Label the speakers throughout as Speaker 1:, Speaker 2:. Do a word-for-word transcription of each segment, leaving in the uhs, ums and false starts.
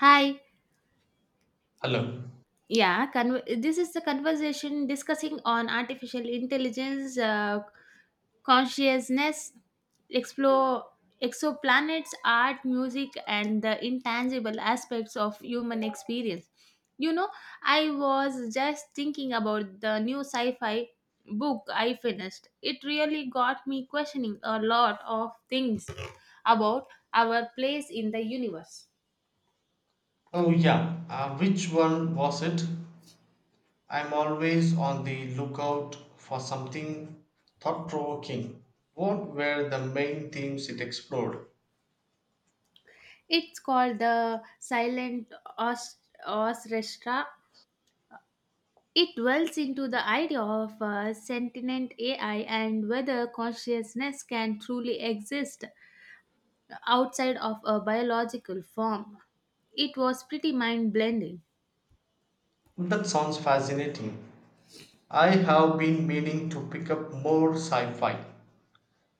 Speaker 1: Hi.
Speaker 2: Hello.
Speaker 1: Yeah, con- this is the conversation discussing on artificial intelligence, uh, consciousness, explore exoplanets, art, music, and the intangible aspects of human experience. You know, I was just thinking about the new sci-fi book I finished. It really got me questioning a lot of things about our place in the universe.
Speaker 2: Oh, yeah. Uh, which one was it? I'm always on the lookout for something thought provoking. What were the main themes it explored?
Speaker 1: It's called the silent os- orchestra. It dwells into the idea of uh, sentient A I and whether consciousness can truly exist outside of a biological form. It was pretty mind blending.
Speaker 2: That sounds fascinating. I have been meaning to pick up more sci fi.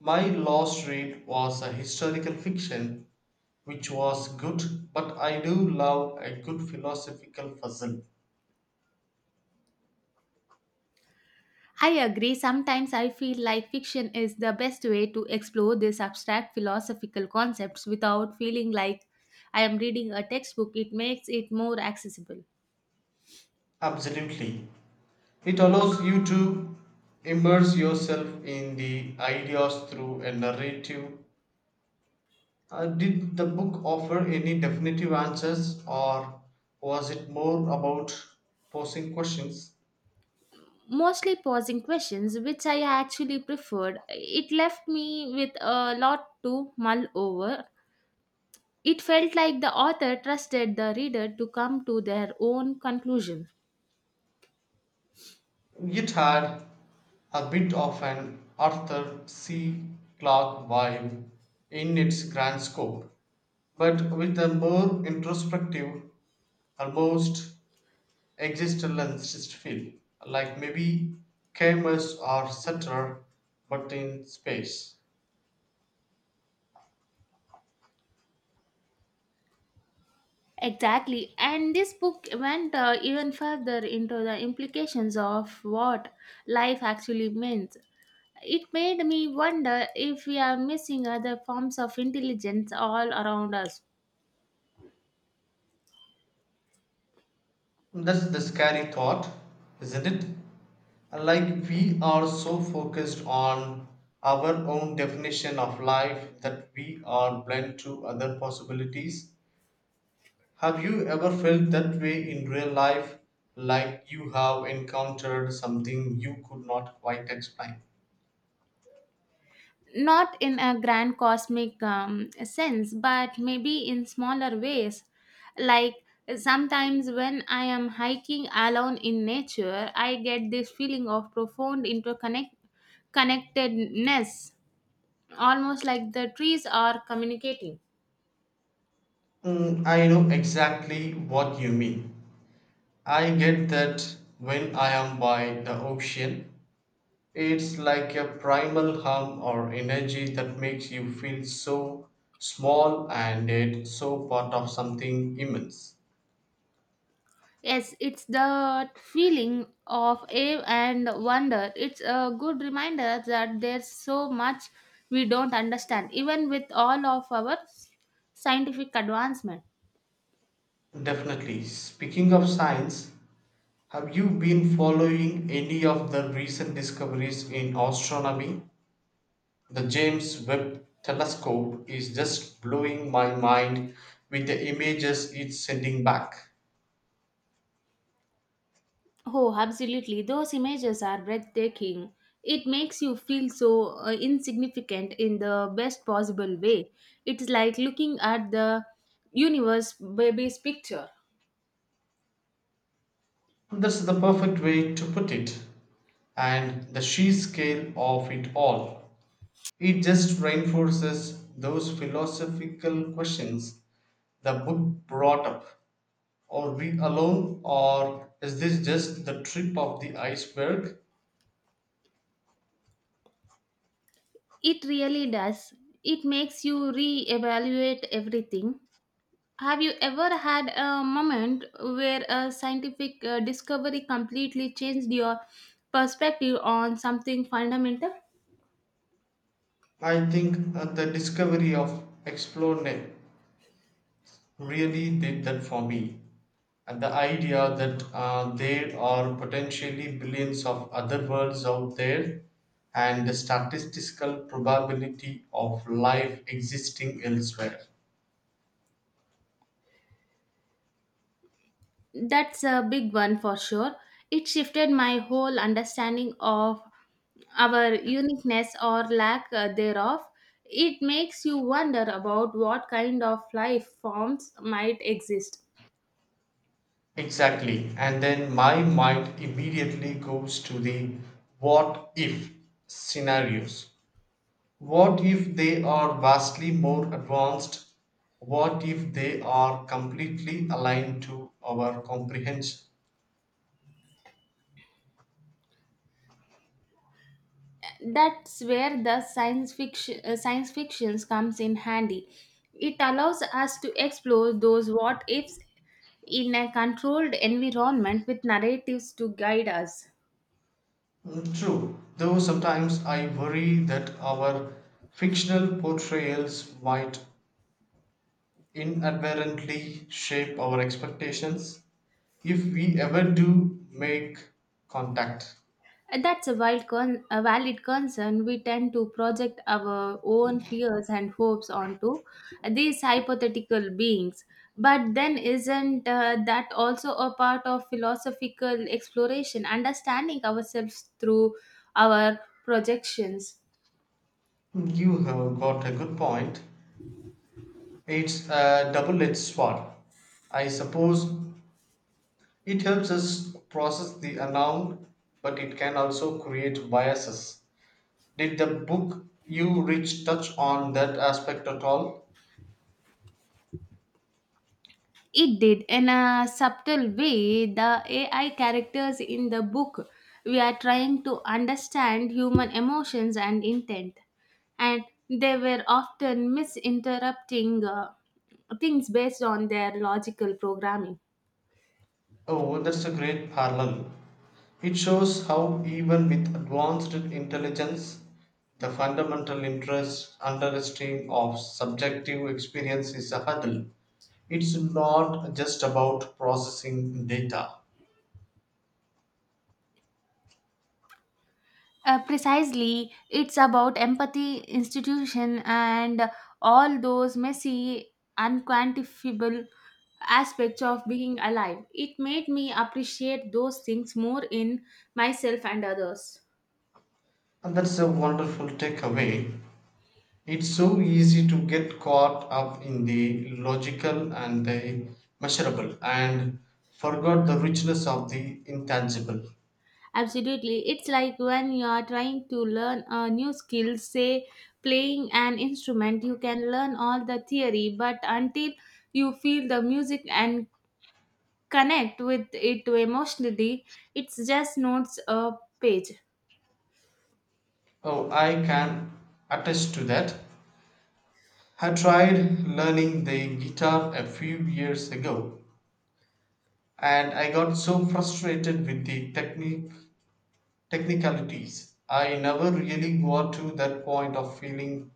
Speaker 2: My last read was a historical fiction, which was good, but I do love a good philosophical puzzle.
Speaker 1: I agree, sometimes I feel like fiction is the best way to explore these abstract philosophical concepts without feeling like I am reading a textbook. It makes it more accessible.
Speaker 2: Absolutely. It allows you to immerse yourself in the ideas through a narrative. Uh, did the book offer any definitive answers or was it more about posing questions?
Speaker 1: Mostly posing questions, which I actually preferred. It left me with a lot to mull over. It felt like the author trusted the reader to come to their own conclusion.
Speaker 2: It had a bit of an Arthur C. Clarke vibe in its grand scope, but with a more introspective, almost existentialist feel, like maybe Camus or Sutter, but in space.
Speaker 1: Exactly, and this book went uh, even further into the implications of what life actually means. It made me wonder if we are missing other forms of intelligence all around us.
Speaker 2: That's the scary thought, isn't it? Like we are so focused on our own definition of life that we are blind to other possibilities. Have you ever felt that way in real life, like you have encountered something you could not quite explain?
Speaker 1: Not in a grand cosmic um, sense, but maybe in smaller ways. Like sometimes when I am hiking alone in nature, I get this feeling of profound interconnect connectedness, almost like the trees are communicating.
Speaker 2: Mm, I know exactly what you mean. I get that when I am by the ocean. It's like a primal hum or energy that makes you feel so small and yet so part of something immense.
Speaker 1: Yes, it's the feeling of awe and wonder. It's a good reminder that there's so much we don't understand, even with all of our scientific advancement.
Speaker 2: Definitely. Speaking of science, have you been following any of the recent discoveries in astronomy? The James Webb Telescope is just blowing my mind with the images it's sending back.
Speaker 1: Oh, absolutely. Those images are breathtaking. It makes you feel so uh, insignificant in the best possible way. It's like looking at the universe baby's picture.
Speaker 2: That's the perfect way to put it. And the sheer scale of it all. It just reinforces those philosophical questions the book brought up. Are we alone, or is this just the tip of the iceberg?
Speaker 1: It really does. It makes you re-evaluate everything. Have you ever had a moment where a scientific uh, discovery completely changed your perspective on something fundamental?
Speaker 2: I think uh, the discovery of explore really did that for me. And the idea that uh, there are potentially billions of other worlds out there and the statistical probability of life existing elsewhere.
Speaker 1: That's a big one for sure. It shifted my whole understanding of our uniqueness or lack uh, thereof. It makes you wonder about what kind of life forms might exist.
Speaker 2: Exactly. And then my mind immediately goes to the what if scenarios. What if they are vastly more advanced? What if they are completely aligned to our comprehension?
Speaker 1: That's where the science fiction uh, science fictions comes in handy. It allows us to explore those what ifs in a controlled environment with narratives to guide us.
Speaker 2: Mm, true, though sometimes I worry that our fictional portrayals might inadvertently shape our expectations if we ever do make contact.
Speaker 1: Uh, That's a, wild con- a valid concern. We tend to project our own fears and hopes onto these hypothetical beings. But then, isn't uh, that also a part of philosophical exploration, understanding ourselves through our projections?
Speaker 2: You have got a good point. It's a double edged sword. I suppose it helps us process the unknown, but it can also create biases. Did the book you reach touch on that aspect at all?
Speaker 1: It did. In a subtle way, the A I characters in the book, we are trying to understand human emotions and intent. And they were often misinterpreting uh, things based on their logical programming.
Speaker 2: Oh, that's a great parallel. It shows how, even with advanced intelligence, the fundamental interest understanding of subjective experience is a hurdle. It's not just about processing data.
Speaker 1: Uh, precisely, it's about empathy, institution, and all those messy, unquantifiable aspects of being alive. It made me appreciate those things more in myself and others.
Speaker 2: And that's a wonderful takeaway. It's so easy to get caught up in the logical and the measurable and forgot the richness of the intangible.
Speaker 1: Absolutely, it's like when you are trying to learn a new skill, say playing an instrument, you can learn all the theory, but until you feel the music and connect with it emotionally, it's just notes a page.
Speaker 2: Oh, I can attest to that. I tried learning the guitar a few years ago and I got so frustrated with the technique technicalities. I never really got to that point of feeling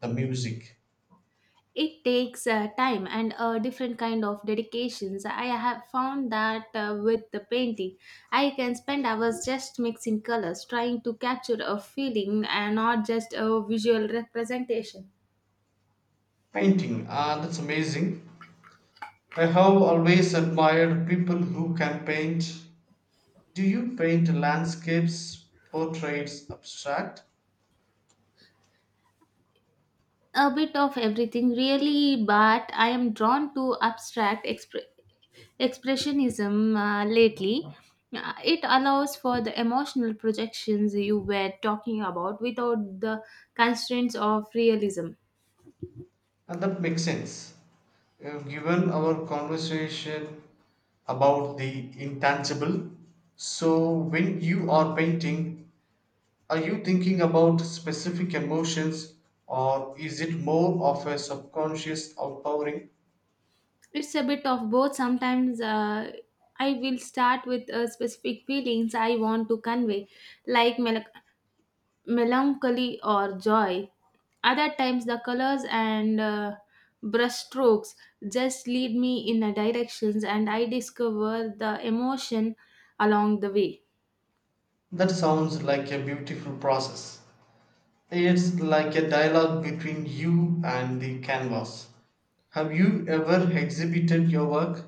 Speaker 2: the music.
Speaker 1: It takes uh, time and a different kind of dedications. I have found that uh, with the painting, I can spend hours just mixing colors, trying to capture a feeling and not just a visual representation.
Speaker 2: Painting, ah, that's amazing. I have always admired people who can paint. Do you paint landscapes, portraits, abstract?
Speaker 1: A bit of everything, really, but I am drawn to abstract expression. expressionism uh, lately. Uh, it allows for the emotional projections you were talking about without the constraints of realism.
Speaker 2: And that makes sense. Uh, Given our conversation about the intangible, so when you are painting, are you thinking about specific emotions or is it more of a subconscious outpouring?
Speaker 1: It's a bit of both. Sometimes uh, I will start with uh, specific feelings I want to convey, like mel- melancholy or joy. Other times, the colors and uh, brush strokes just lead me in a directions, and I discover the emotion along the way.
Speaker 2: That sounds like a beautiful process. It's like a dialogue between you and the canvas. Have you ever exhibited your work?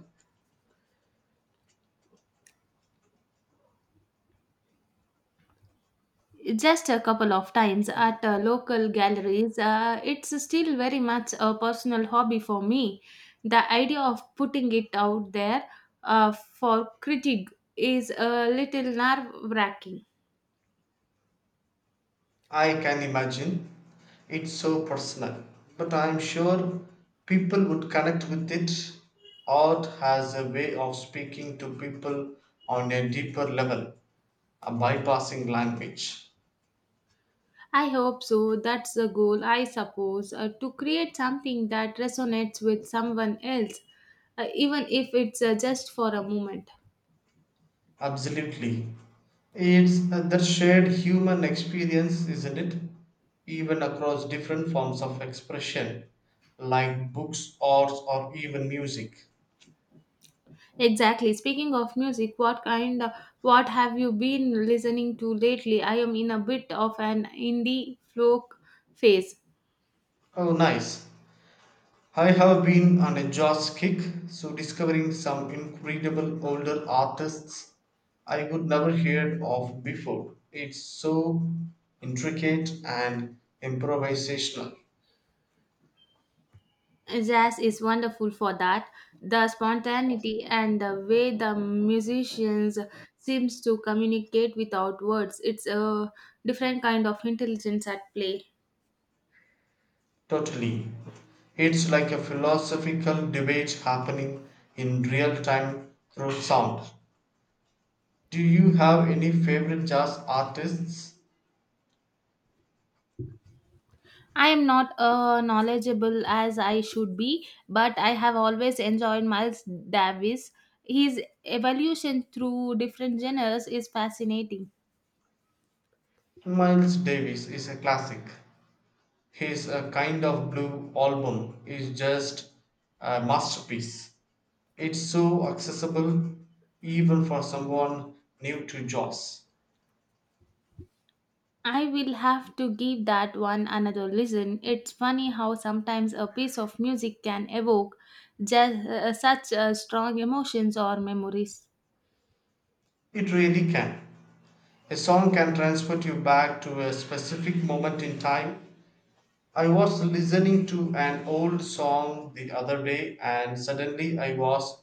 Speaker 1: Just a couple of times at uh, local galleries. Uh, it's still very much a personal hobby for me. The idea of putting it out there uh, for critique is a little nerve wracking.
Speaker 2: I can imagine. It's so personal. But I'm sure people would connect with it. Art has a way of speaking to people on a deeper level, a bypassing language.
Speaker 1: I hope so. That's the goal, I suppose, uh, to create something that resonates with someone else, uh, even if it's uh, just for a moment.
Speaker 2: Absolutely. It's the shared human experience, isn't it? Even across different forms of expression, like books, arts, or even music.
Speaker 1: Exactly. Speaking of music, what kind of, what have you been listening to lately? I am in a bit of an indie folk phase.
Speaker 2: Oh, nice. I have been on a Joss kick, so discovering some incredible older artists I would never heard of before. It's so intricate and improvisational.
Speaker 1: Jazz is wonderful for that. The spontaneity and the way the musicians seems to communicate without words. It's a different kind of intelligence at play.
Speaker 2: Totally. It's like a philosophical debate happening in real time through sound. Do you have any favorite jazz artists?
Speaker 1: I am not uh, knowledgeable as I should be, but I have always enjoyed Miles Davis. His evolution through different genres is fascinating.
Speaker 2: Miles Davis is a classic. His uh, kind of blue album is just a masterpiece. It's so accessible even for someone new to jazz.
Speaker 1: I will have to give that one another listen. It's funny how sometimes a piece of music can evoke just, uh, such uh, strong emotions or memories.
Speaker 2: It really can. A song can transport you back to a specific moment in time. I was listening to an old song the other day and suddenly I was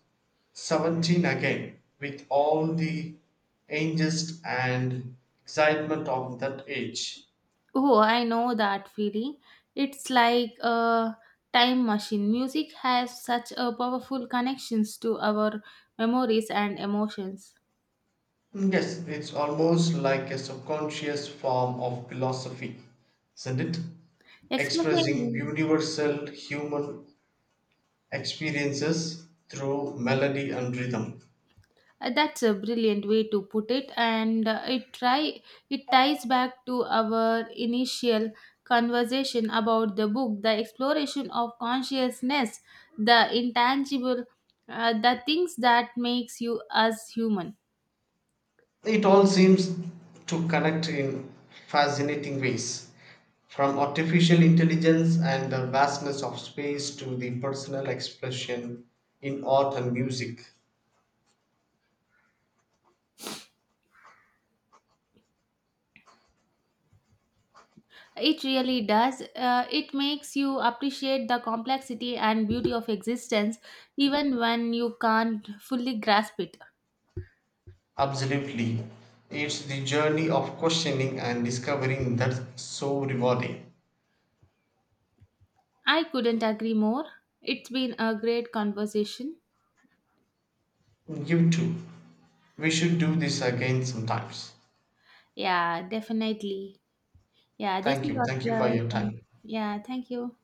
Speaker 2: seventeen again with all the angst and excitement of that age.
Speaker 1: Oh, I know that feeling. It's like a time machine. Music has such a powerful connections to our memories and emotions.
Speaker 2: Yes, it's almost like a subconscious form of philosophy, isn't it? Expressing
Speaker 1: Expressing
Speaker 2: universal human experiences through melody and rhythm.
Speaker 1: uh, that's a brilliant way to put it, and uh, it try it ties back to our initial conversation about the book, the exploration of consciousness, the intangible, uh, the things that makes you as human.
Speaker 2: It all seems to connect in fascinating ways, from artificial intelligence and the vastness of space to the personal expression in art and music.
Speaker 1: It really does. Uh, it makes you appreciate the complexity and beauty of existence even when you can't fully grasp it.
Speaker 2: Absolutely. It's the journey of questioning and discovering that's so rewarding.
Speaker 1: I couldn't agree more. It's been a great conversation.
Speaker 2: You too. We should do this again sometimes.
Speaker 1: Yeah, definitely. Yeah, this
Speaker 2: Thank you.
Speaker 1: was
Speaker 2: Thank you for your
Speaker 1: the
Speaker 2: time.
Speaker 1: Yeah, thank you.